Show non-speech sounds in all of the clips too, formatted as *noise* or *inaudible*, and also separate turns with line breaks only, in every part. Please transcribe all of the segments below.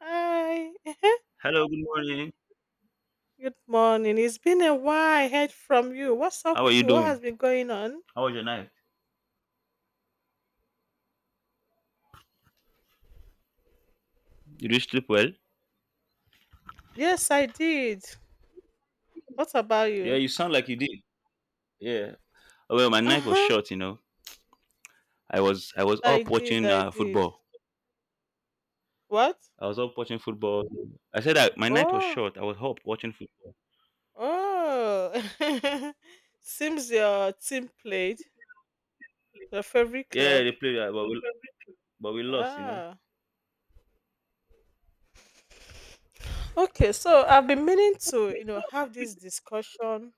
Hi. *laughs*
Hello, good morning.
Good morning. It's been a while. I heard from you. What's up
How are
with
you
you? What
doing?
has been going on?
How was your night? Did you sleep well?
Yes, I did. What about
Yeah,
you?
you sound like you did. Yeah. Oh, well, my
Uh
night was
huh.
short, you know. I was
I
up
did.
watching
I did.
football.
What?
I was up watching football. I said that my night was
Oh,
short. I was up watching football.
oh. *laughs* Seems your team played your favorite
Yeah,
club.
they played, but we lost, you know.
Ah. Okay. So I've been meaning to, have this discussion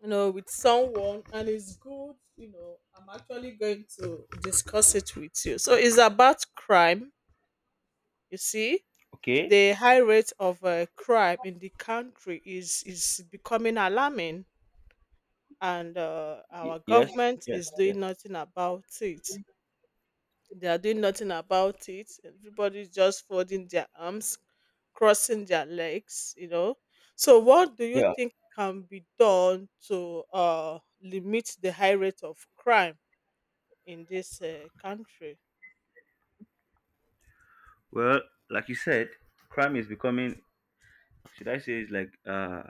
with someone, and it's good, I'm actually going to discuss it with you. So it's about crime, you see.
Okay.
The high rate of crime in the country is becoming alarming, and our
Yes.
government
Yes.
is doing
Yes.
nothing about it. They are doing nothing about it. Everybody's just folding their arms, crossing their legs, you know. So, what do you
Yeah.
think can be done to limit the high rate of crime in this country?
Well, like you said, crime is becoming. Should I say it's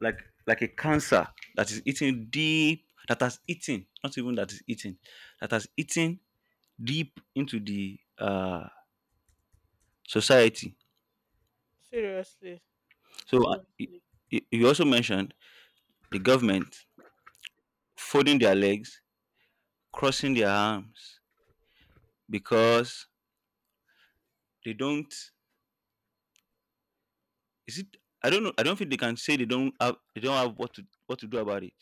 like a cancer that is eating deep, that has eaten, not even that is eating, that has eaten deep into the society.
Seriously.
So exactly. You also mentioned the government folding their legs, crossing their arms, because they don't, is it, I don't know, I don't think they can say they don't have, they don't have what to, what to do about it.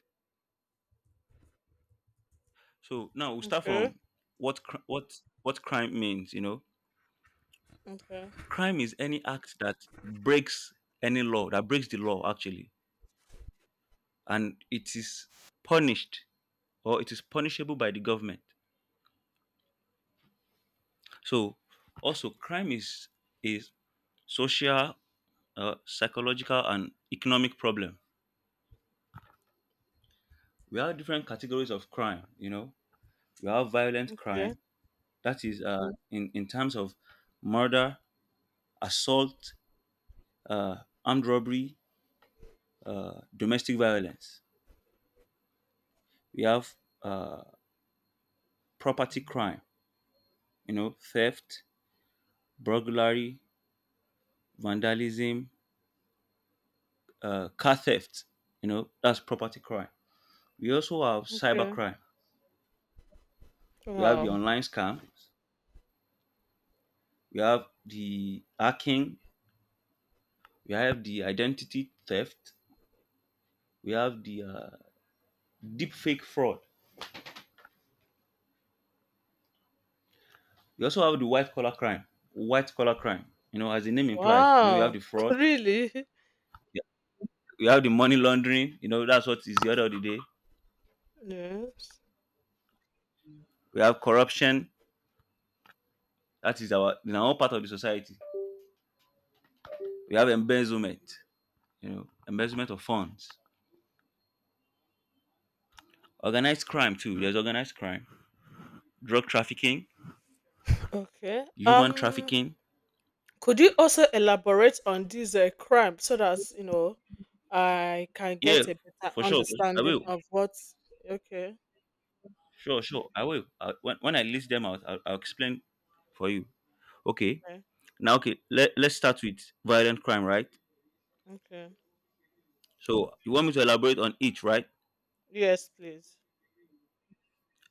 So now we'll start
Okay.
from what cr- what crime means, you know.
Okay.
Crime is any act that breaks any law, that breaks the law actually, and it is punished, or it is punishable by the government. So also crime is social, psychological and economic problem. We have different categories of crime, you know. We have violent
Okay.
crime, that is in terms of murder, assault, uh, armed robbery, domestic violence. We have uh, property crime, you know, theft, burglary, vandalism, car theft. You know, that's property crime. We also have cyber
Okay.
crime. We have the
Wow.
online scams. We have the hacking. We have the identity theft. We have the deep fake fraud. We also have the white collar crime. White collar crime. You know, as the name implies. You know, you have
Wow.
the
*laughs*
fraud.
Really?
We have the money laundering. You know, that's what is the order of the day.
Yes.
We have corruption. That is our, in our part of the society. We have embezzlement, you know, embezzlement of funds, organized crime too. There's organized crime, drug trafficking,
Okay.
human trafficking.
Could you also elaborate on this crime so that, you know, I can
Yeah,
get a better
for sure. I
understanding
will.
of what? Okay,
Sure, sure. I will. When I list them out, I'll explain for you. Okay.
okay,
Now, okay. Let's start with violent crime, right?
okay.
So you want me to elaborate on each, right?
Yes, please.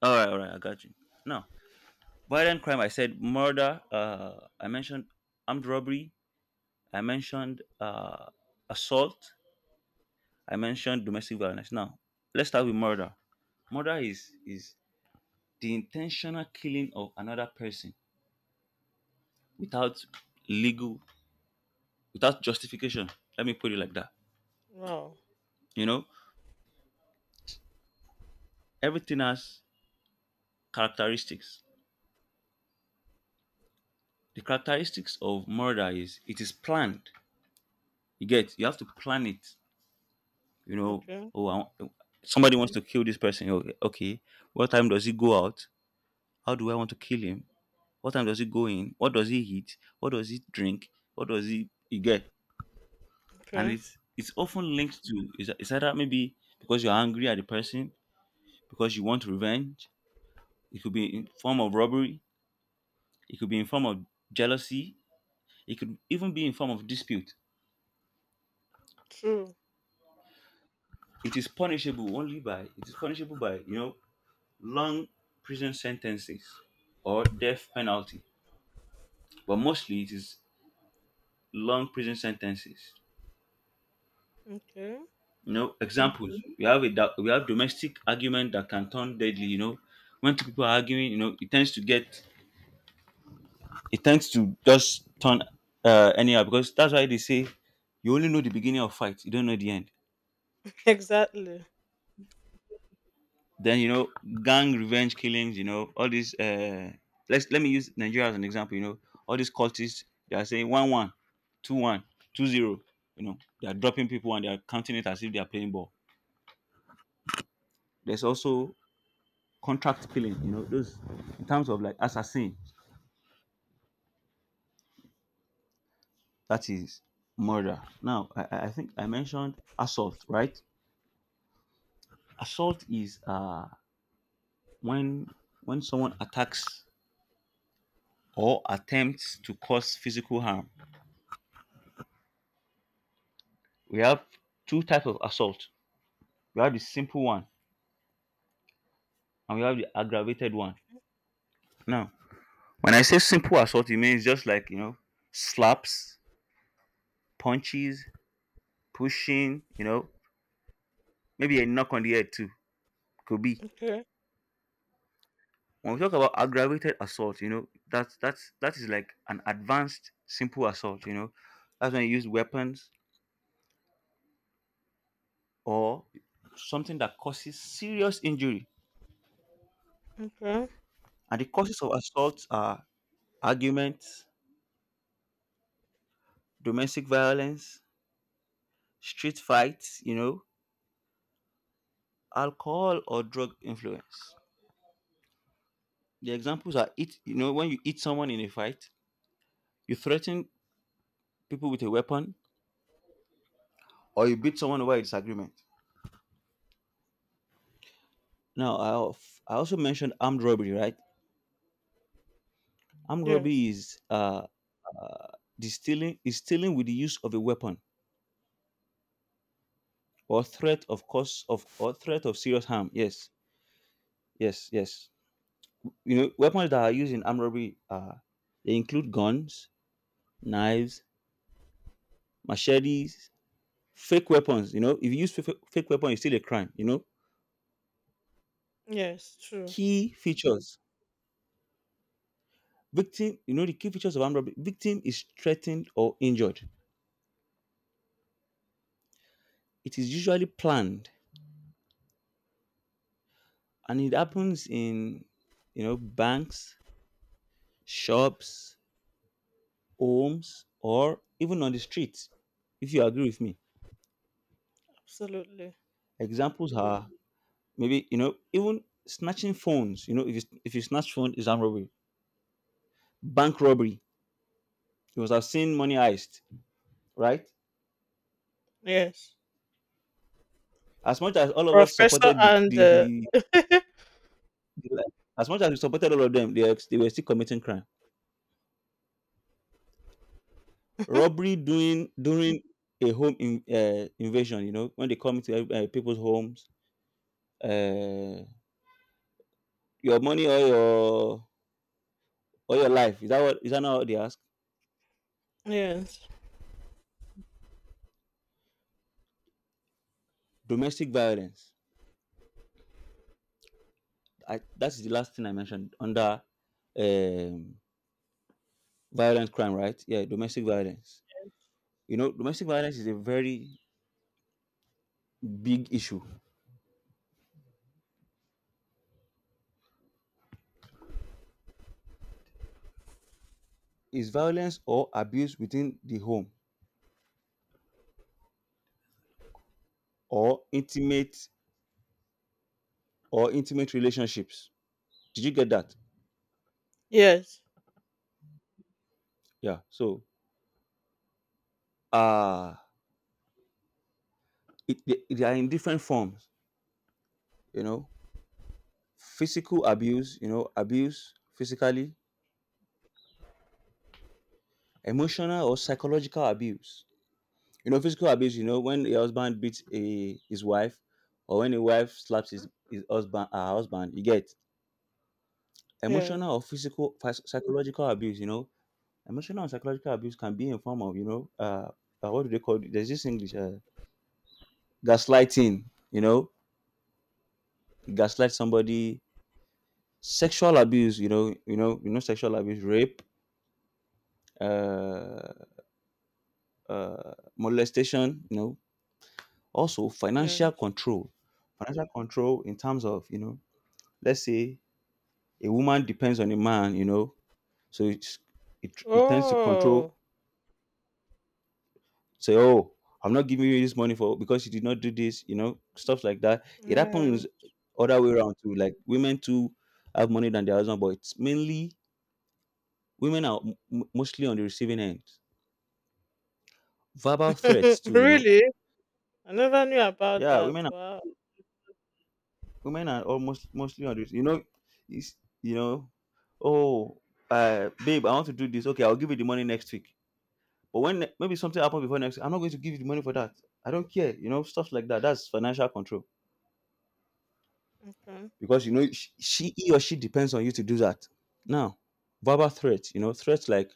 All right, all right. I got you. Now, violent crime. I said murder. I mentioned armed robbery. I mentioned assault. I mentioned domestic violence. Now, let's start with murder. Murder is the intentional killing of another person without legal, without justification. Let me put it like that.
Wow.
You know, everything has characteristics. The characteristics of murder is it is planned. You get, you have to plan it. You know,
Okay,
oh, I want, somebody wants to kill this person. Oh, okay, what time does he go out? How do I want to kill him? What time does he go in? What does he eat? What does he drink? What does he get? And
okay.
it's often linked to, is either maybe because you're angry at the person, because you want revenge. It could be in form of robbery. It could be in form of jealousy. It could even be in form of dispute.
True.
It is punishable by, you know, long prison sentences or death penalty, but mostly it is long prison sentences.
Okay.
You know, examples. Mhm. We have a we have domestic argument that can turn deadly, you know. When two people are arguing, you know, it tends to get, it tends to just turn anyhow, because that's why they say you only know the beginning of fight, you don't know the end.
Exactly.
Then, you know, gang revenge killings, you know, all these let me use Nigeria as an example, you know. All these cultists, they are saying 1 1 2 1 2 0, you know. They are dropping people and they are counting it as if they are playing ball. There's also contract killing, you know, those in terms of like assassin, that is murder. Now, I think I mentioned assault, right? Assault is when when someone attacks or attempts to cause physical harm. We have two types of assault. We have the simple one and we have the aggravated one. Now, when I say simple assault, it means just like, you know, slaps, punches, pushing, you know, maybe a knock on the head too. Could be,
Okay,
when we talk about aggravated assault, you know, that's that is like an advanced simple assault, you know. That's when you use weapons or something that causes serious injury.
okay.
And the causes of assault are arguments, domestic violence, street fights, you know, alcohol or drug influence. The examples are, it, you know, when you hit someone in a fight, you threaten people with a weapon, or you beat someone over a disagreement. Now, I also mentioned armed robbery, right? Armed robbery
Yes,
is the stealing is stealing with the use of a weapon or threat of serious harm. Yes, yes, yes. You know, weapons that are used in armed robbery are, they include guns, knives, machetes, fake weapons. You know, if you use fake weapon, it's still a crime. You know,
yes. True.
key features. Victim, you know, the key features of armed robbery. Victim is threatened or injured. It is usually planned, and it happens in, you know, banks, shops, homes, or even on the streets. If you agree with me,
Absolutely.
examples are, maybe, you know, even snatching phones. You know, if you snatch phone, is armed robbery, bank robbery. You must have seen Money Heist, right?
Yes.
As much as all of us
Professor
supported the,
and
the, the as much as we supported all of them, they were still committing crime. Robbery during a home, invasion. You know, when they come into people's homes, uh, your money or your, or your life. Is that, what, is that not what they ask?
yes,
Domestic violence, that's the last thing I mentioned under um, violent crime, right? Yeah, domestic violence. You know, domestic violence is a very big issue. Is violence or abuse within the home, or intimate, or intimate relationships. Did you get that?
yes,
Yeah. So uh it, they are in different forms, you know. Physical abuse, you know, abuse physically, emotional or psychological abuse. You know, physical abuse, you know, when a husband beats his wife, or when a wife slaps his husband, her husband, you get,
yes,
emotional or physical, psychological abuse, you know. Emotional and psychological abuse can be in form of, you know, what do they call it? There's this English, gaslighting, you know, you gaslight somebody, sexual abuse, you know, sexual abuse, rape, uh, molestation, you know, also
yes.
financial control in terms of, you know, let's say a woman depends on a man, you know. So it's, it tends to control.
Oh,
Say, oh, I'm not giving you this money for, because you did not do this, you know, stuff like that. It
yeah.
happens other way around too. Like women too have money than their husband, but it's mainly women are mostly on the receiving end. Verbal threats
*laughs*
too, you know.
Really? I never knew about
Yeah,
that. Wow.
women are almost mostly on this. You know, it's, you know, oh, babe, I want to do this. Okay, I'll give you the money next week. But when maybe something happens before next, I'm not going to give you the money for that. I don't care. You know, stuff like that. That's financial control,
Okay.
because you know she, he or she depends on you to do that. Now, verbal threats. You know, threats like,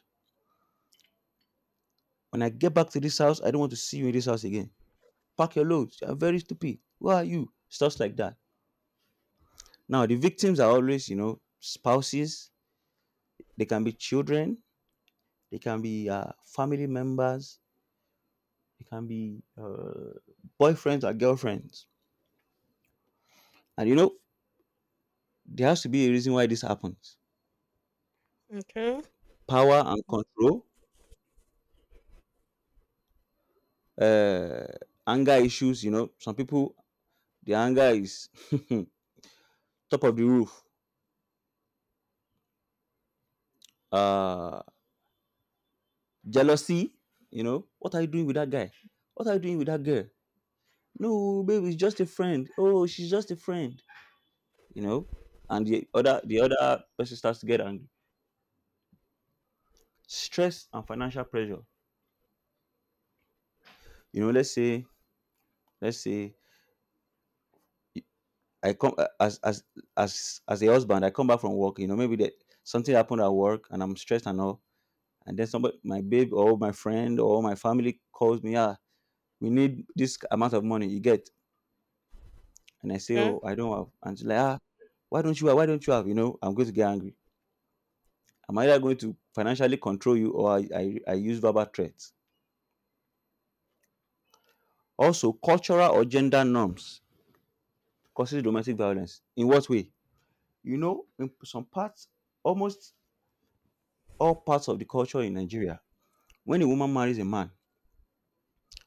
when I get back to this house, I don't want to see you in this house again. Pack your loads. You're very stupid. Who are you? Stuff like that. Now, the victims are always, you know, spouses. They can be children. They can be family members. They can be boyfriends or girlfriends. And you know, there has to be a reason why this happens.
Okay.
Power and control, uh, anger issues, you know, some people, the anger is *laughs* top of the roof. Uh, jealousy, you know, what are you doing with that guy? What are you doing with that girl? No, babe, it's just a friend. Oh, she's just a friend, you know. And the other person starts to get angry. Stress and financial pressure. You know, let's say I come as a husband, I come back from work. You know, maybe that something happened at work and I'm stressed and all, and then somebody, my babe or my friend or my family, calls me. We need this amount of money, you get? And I say,
Okay.
oh, I don't have, and she's like, why don't you have, why don't you have? You know, I'm going to get angry. I'm either going to financially control you or I use verbal threats. Also, cultural or gender norms causes domestic violence in what way? You know, in some parts, almost all parts of the culture in Nigeria, when a woman marries a man,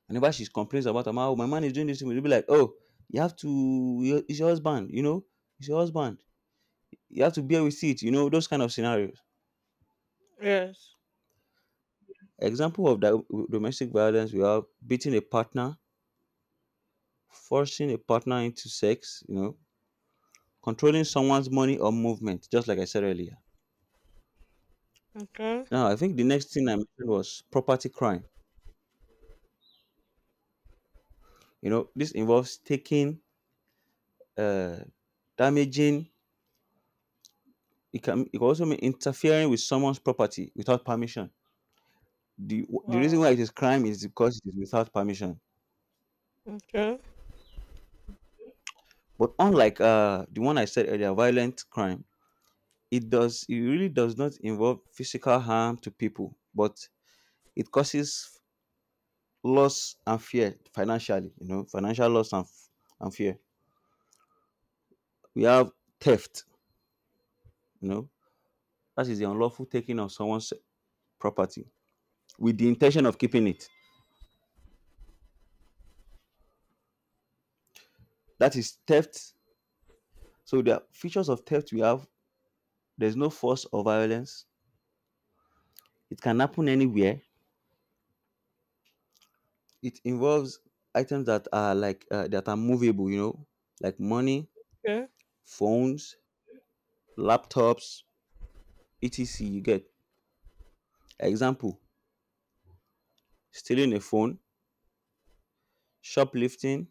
whenever she complains about her man, oh, my man is doing this thing, you'll be like, oh, you have to, it's your husband, you know, it's your husband, you have to bear with it. You know, those kind of scenarios.
Yes.
Example of that: domestic violence, we have beating a partner, forcing a partner into sex, you know, controlling someone's money or movement, just like I said earlier.
Okay.
Now, I think the next thing I mentioned was property crime. You know, this involves taking, uh damaging. It can also mean interfering with someone's property without permission. The reason why
Wow.
it is crime is because it is without permission.
Okay.
But unlike the one I said earlier, violent crime, it really does not involve physical harm to people, but it causes loss and fear financially. You know, financial loss and and fear. We have theft. You know, that is the unlawful taking of someone's property with the intention of keeping it. That is theft. So the features of theft we have. There's no force or violence. It can happen anywhere. It involves items that are like that are movable, you know, like money,
Okay.
phones, laptops, etc. You get. Example: stealing a phone, shoplifting,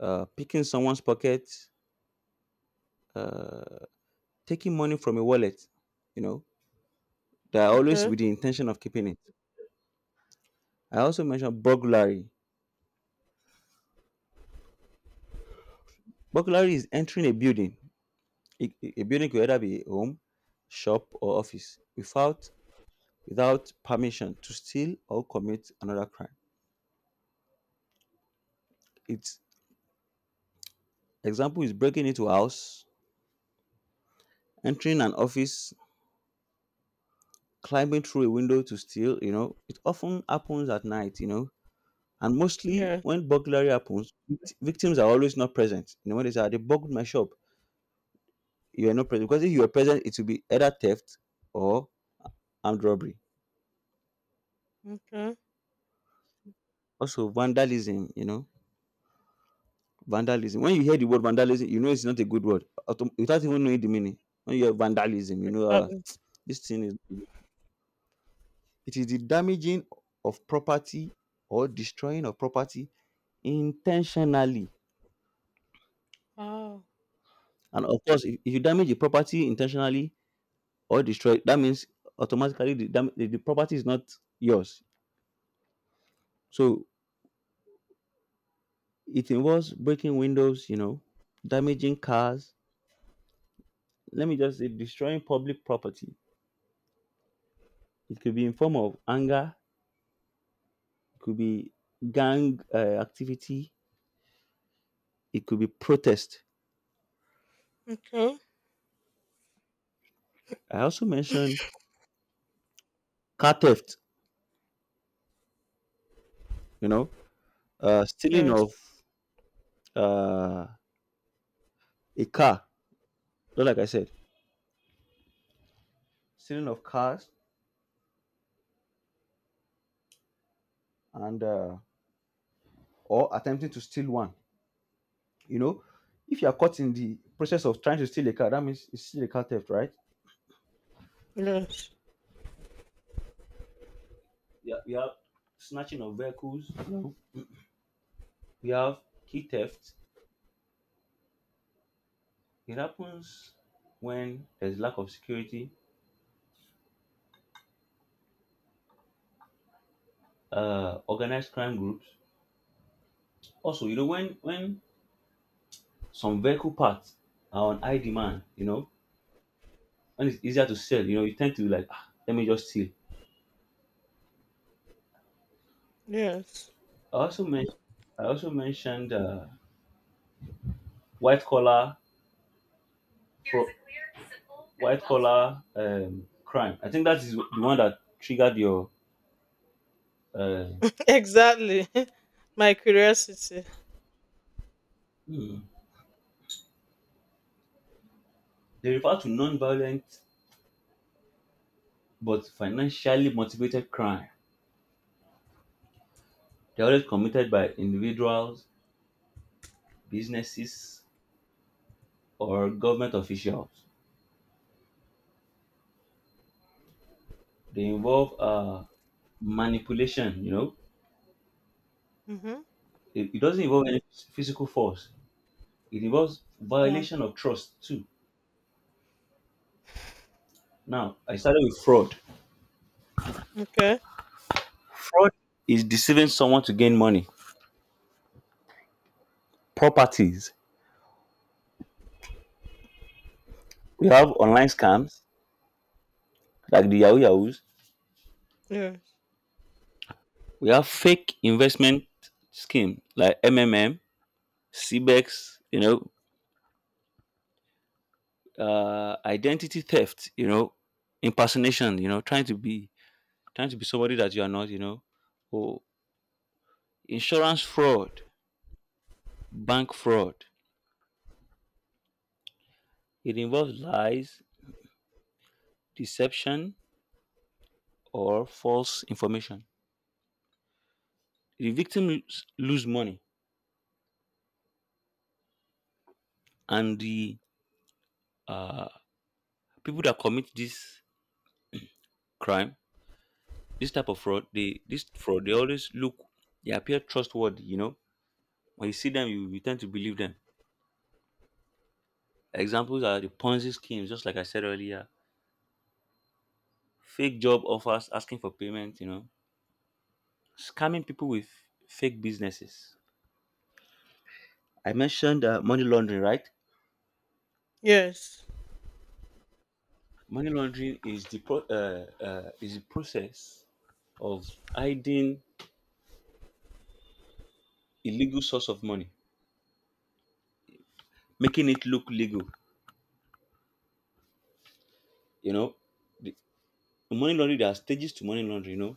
picking someone's pocket, taking money from a wallet. You know, they are always
Okay.
with the intention of keeping it. I also mentioned burglary. Burglary is entering a building. A building could either be a home, shop, or office without without permission to steal or commit another crime. It. Example is breaking into a house, entering an office, climbing through a window to steal. You know, it often happens at night. You know, and mostly
Yes.
when burglary happens, victims are always not present. You know, when they say, "Ah, they burgled my shop," you are not present, because if you are present, it will be either theft or armed robbery.
Okay.
Also, vandalism. You know, vandalism. When you hear the word vandalism, you know it's not a good word, without even knowing the meaning. When you hear vandalism, you know,
Exactly.
this thing is. It is the damaging of property or destroying of property intentionally.
Wow.
And of course, if you damage the property intentionally or destroy it, that means automatically the property is not yours. So it involves breaking windows, you know, damaging cars. Let me just say destroying public property. It could be in form of anger. It could be gang activity. It could be protest.
Okay.
I also mentioned car theft. You know, stealing
Yes.
of uh, a car. Just like I said, stealing of cars, and or attempting to steal one. You know, if you are caught in the process of trying to steal a car, that means it's still a car theft, right?
Yes.
Yeah, we have snatching of vehicles. You know, we have key theft. It happens when there's lack of security. Organized crime groups. Also, you know, when some vehicle parts are on high demand, you know, and it's easier to sell, you know, you tend to like, ah, let me just steal.
Yes.
I also mentioned I also mentioned white collar, pro- white collar crime. I think that is the one that triggered your. Uh,
*laughs* Exactly. *laughs* My curiosity.
hmm. They refer to non-violent but financially motivated crime. They're always committed by individuals, businesses, or government officials. They involve manipulation. You know,
Mm-hmm.
it doesn't involve any physical force. It involves
Yeah.
violation of trust too. Now, I started with fraud.
Okay.
Fraud is deceiving someone to gain money. Properties. We have online scams like the Yahoo Yahoos.
Yes.
We have fake investment scheme like MMM, CBEX, you know, identity theft, you know, impersonation, you know, trying to be somebody that you are not, you know, or insurance fraud, bank fraud. It involves lies, deception, or false information. The victim lose money. And the, uh, people that commit this crime, this type of fraud, they always look, they appear trustworthy. You know, when you see them, you tend to believe them. Examples are the Ponzi schemes, just like I said earlier, fake job offers asking for payment. You know, scamming people with fake businesses. I mentioned money laundering, right?
Yes.
Money laundering is the is the process of hiding illegal source of money, making it look legal. You know, the money laundering, there are stages to money laundering. You know,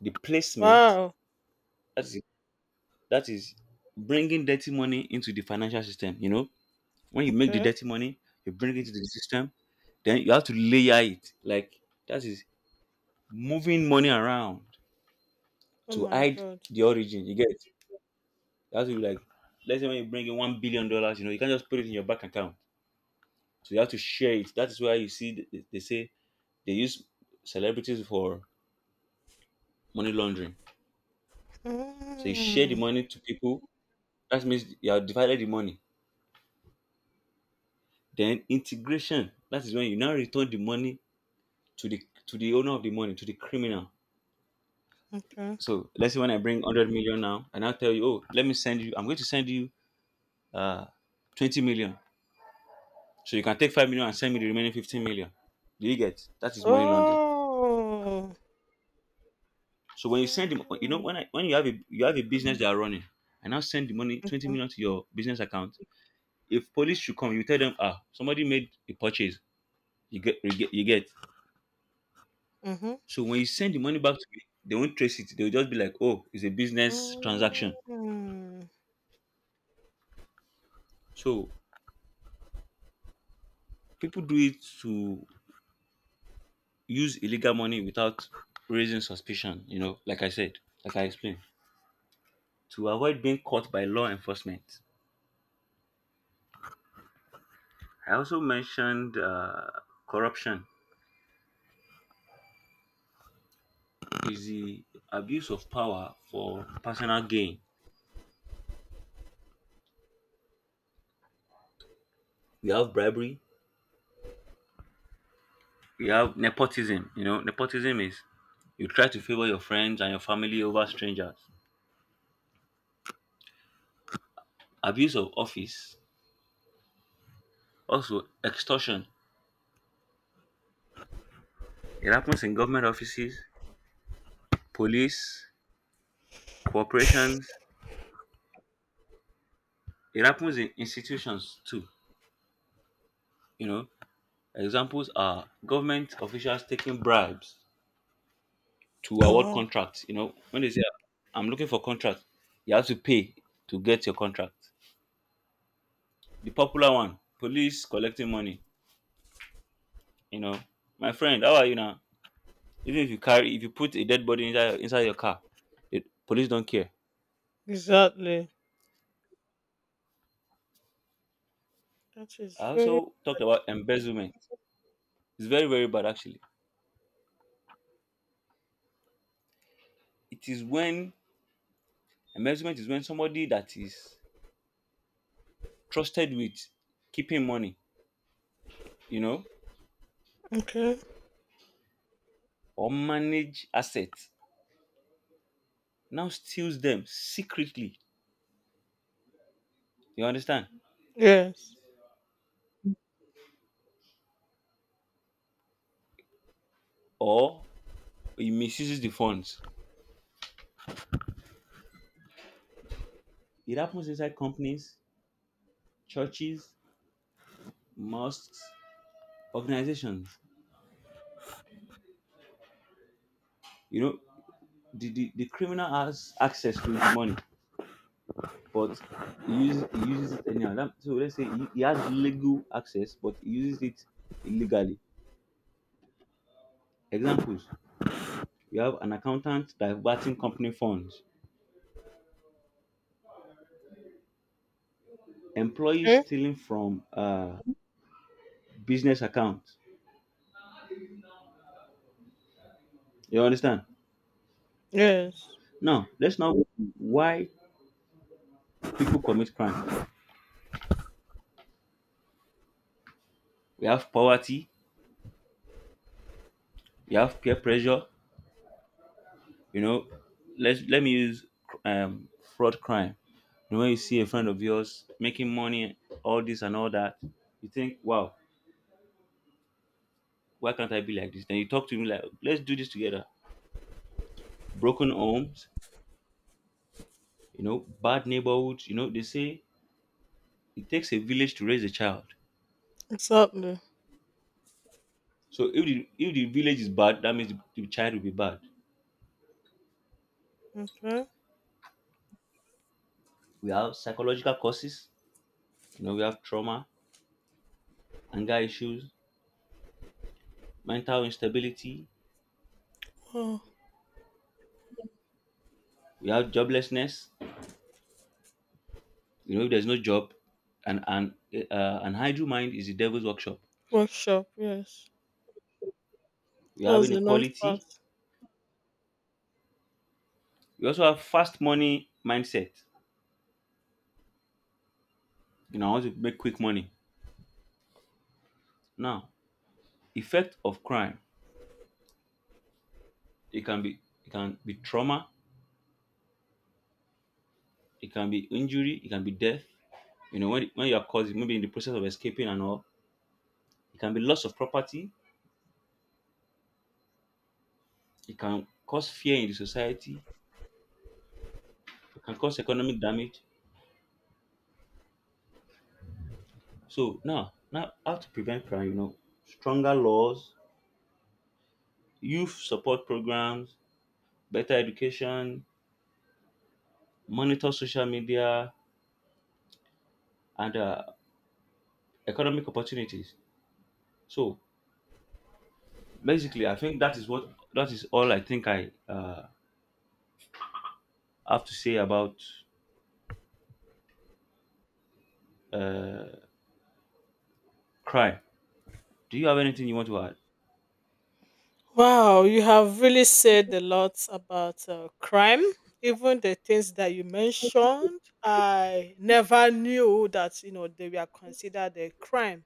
the placement,
Wow.
that is that is bringing dirty money into the financial system. You know, when you make the
Okay.
dirty money, you bring it to the system. Then you have to layer it, like, that is moving money around
Oh
to
my
hide
God.
the origin, you get it? You have to, like, let's say when you bring in $1 billion, you know, you can't just put it in your bank account, so you have to share it. That is why you see, they say they use celebrities for money laundering. So you share the
Mm.
money to people. That means you have divided the money. Then integration. That is when you now return the money to the owner of the money, to the criminal.
Okay.
So let's say when I bring 100 million now, and I'll tell you, oh, let me send you, I'm going to send you uh 20 million. So you can take 5 million and send me the remaining 15 million. Do you get? That is money laundering.
Oh.
So when you send the, you know,
Mm.
when you have a, you have a business that are running, and now send the money, 20 million, to your business account. If police should come, you tell them, ah, somebody made a purchase. You get, you get.
Mm-hmm.
So when you send the money back to me, they won't trace it. They'll just be like, oh, it's a business transaction.
Mm.
So people do it to use illegal money without raising suspicion. You know, like I said, like I explained, to avoid being caught by law enforcement. I also mentioned corruption is the abuse of power for personal gain. We have bribery, we have nepotism. You know, nepotism is you try to favor your friends and your family over strangers. Abuse of office. Also, extortion. It happens in government offices, police, corporations. It happens in institutions too. You know, examples are government officials taking bribes to award
Wow.
contracts. You know, when they say, I'm looking for contract, you have to pay to get your contract. The popular one, police collecting money. You know, my friend, how are you now? Even if you carry, if you put a dead body inside your car, the police don't care.
Exactly. That is
I
very
also talked about embezzlement. It's very, very bad actually. It is when Embezzlement is when somebody that is trusted with keeping money, you know,
bad. Okay.
or manage assets now steals them secretly. You understand?
Yes.
Or he misuses the funds. It happens inside companies, churches, mosques, organizations. You know, the criminal has access to the money, but he uses it anyhow. So let's say he has legal access, but he uses it illegally. Examples. We have an accountant diverting company funds, employees
Okay.
stealing from business accounts. You understand?
Yes.
Now, let's now why people commit crime. We have poverty, we have peer pressure. You know, let me use um, fraud crime. You know, when you see a friend of yours making money, all this and all that, you think, wow, why can't I be like this? Then you talk to him like, let's do this together. Broken homes, you know, bad neighborhoods. You know, they say it takes a village to raise a child.
Exactly.
So if the village is bad, that means the child will be bad.
Okay.
We have psychological causes. You know, we have trauma, anger issues, mental instability.
Wow.
We have joblessness. You know, if there's no job, and an idle mind is the devil's workshop.
Workshop. Yes.
We
That
have
is a known
inequality.
fact.
We also have fast money mindset. You know, I want to make quick money. Now, effect of crime. It can be, it can be trauma. It can be injury, it can be death. You know, when you are causing, maybe in the process of escaping and all, it can be loss of property, it can cause fear in the society, it can cause economic damage. So now, now how to prevent crime, you know, stronger laws, youth support programs, better education, monitor social media, and economic opportunities. So basically, I think that is what, that is all I think I have to say about uh, crime. Do you have anything you want to add?
Wow. You have really said a lot about crime. Even the things that you mentioned, I never knew that, you know, they were considered a crime.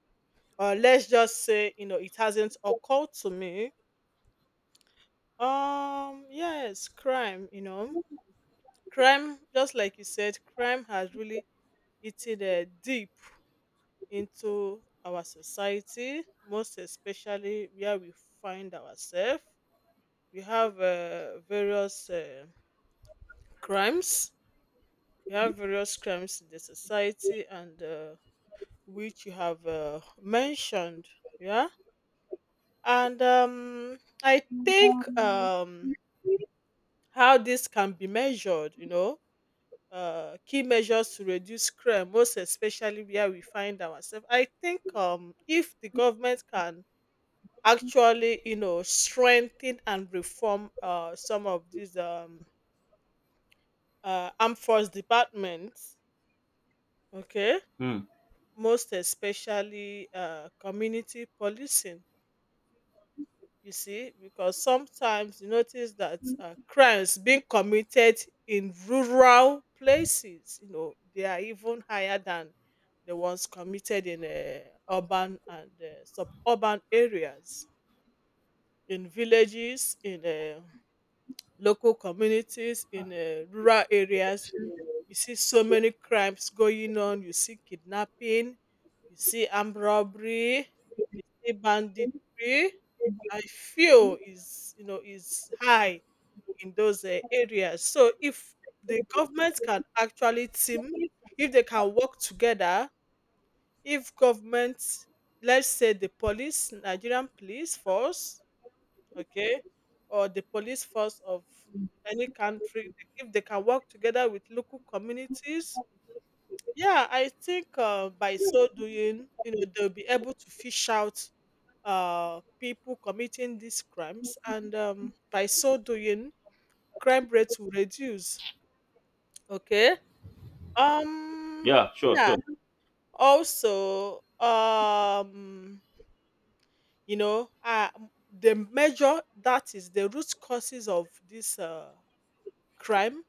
Or let's just say, you know, it hasn't occurred to me. Yes, crime, you know, crime, just like you said, crime has really eaten deep into our society, most especially where we find ourselves. We have various crimes, we have various crimes in the society, and which you have mentioned, yeah. And I think how this can be measured, you know, key measures to reduce crime, most especially where we find ourselves. I think, if the government can actually, you know, strengthen and reform some of these armed force departments, okay,
Hmm.
most especially community policing, you see, because sometimes you notice that crimes being committed in rural places, you know, they are even higher than the ones committed in urban and suburban areas. In villages, in local communities, in rural areas, you see so many crimes going on. You see kidnapping, you see armed robbery, you see banditry. I feel is, you know, is high in those areas. So if the government can actually team, if they can work together, if government, let's say the police, Nigerian police force, okay, or the police force of any country, if they can work together with local communities, yeah, I think, by so doing, you know, they'll be able to fish out people committing these crimes, and by so doing, crime rates will reduce. Okay. Um,
Yeah, sure,
yeah.
sure.
Also, you know, the major, that is, the root causes of this crime.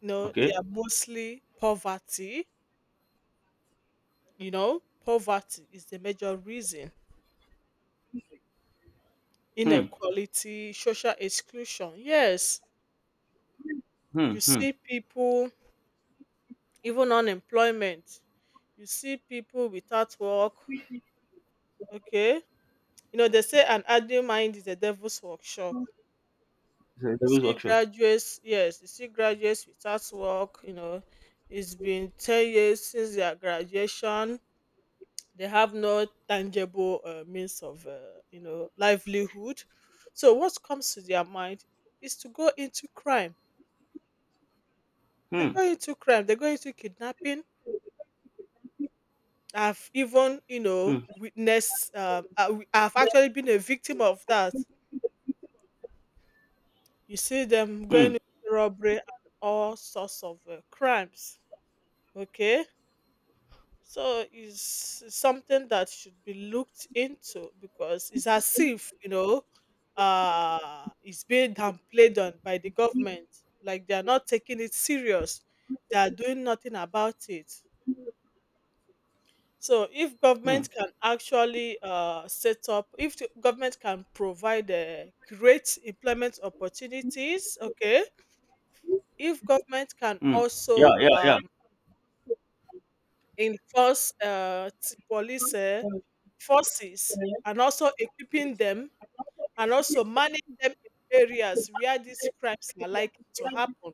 You know, they
Okay.
are mostly poverty. You know, poverty is the major reason.
Hmm.
Inequality, social exclusion. Yes,
Hmm.
you
Hmm.
see people, even unemployment. You see people without work. Okay. You know, they say an idle mind is a devil's workshop.
It's a
You
devil's
see
workshop.
graduates, yes, you see graduates without work, you know, it's been 10 years since their graduation. They have no tangible means of, you know, livelihood. So what comes to their mind is to go into crime. They
Hmm.
go into crime. They go into kidnapping. You
Hmm.
know, I've actually been a victim of that. You see them
Hmm.
going into robbery and all sorts of crimes. Okay. So it's something that should be looked into, because it's as if, you know, it's being downplayed on by the government. Like they are not taking it serious. They are doing nothing about it. So if
Hmm.
government can actually set up, if the government can provide, create employment opportunities, okay. If government can
Hmm. Yeah.
also
Yeah. Yeah.
enforce police forces, and also equipping them and also managing them in areas where these crimes are likely to happen,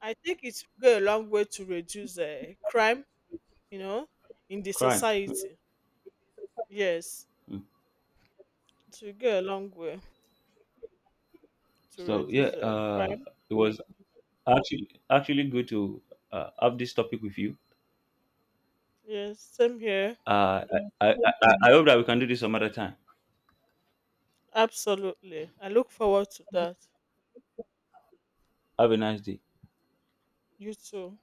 I think it will go a long way to reduce crime, you know, in the
Crime. Hmm.
society. Yes,
Hmm.
it will go a long way to
So yeah,
reduce crime.
it was actually good to have this topic with you.
Yes, same here.
Uh, I, I, I hope that we can do this some other time.
Absolutely. I look forward to that.
Have a nice day.
You too.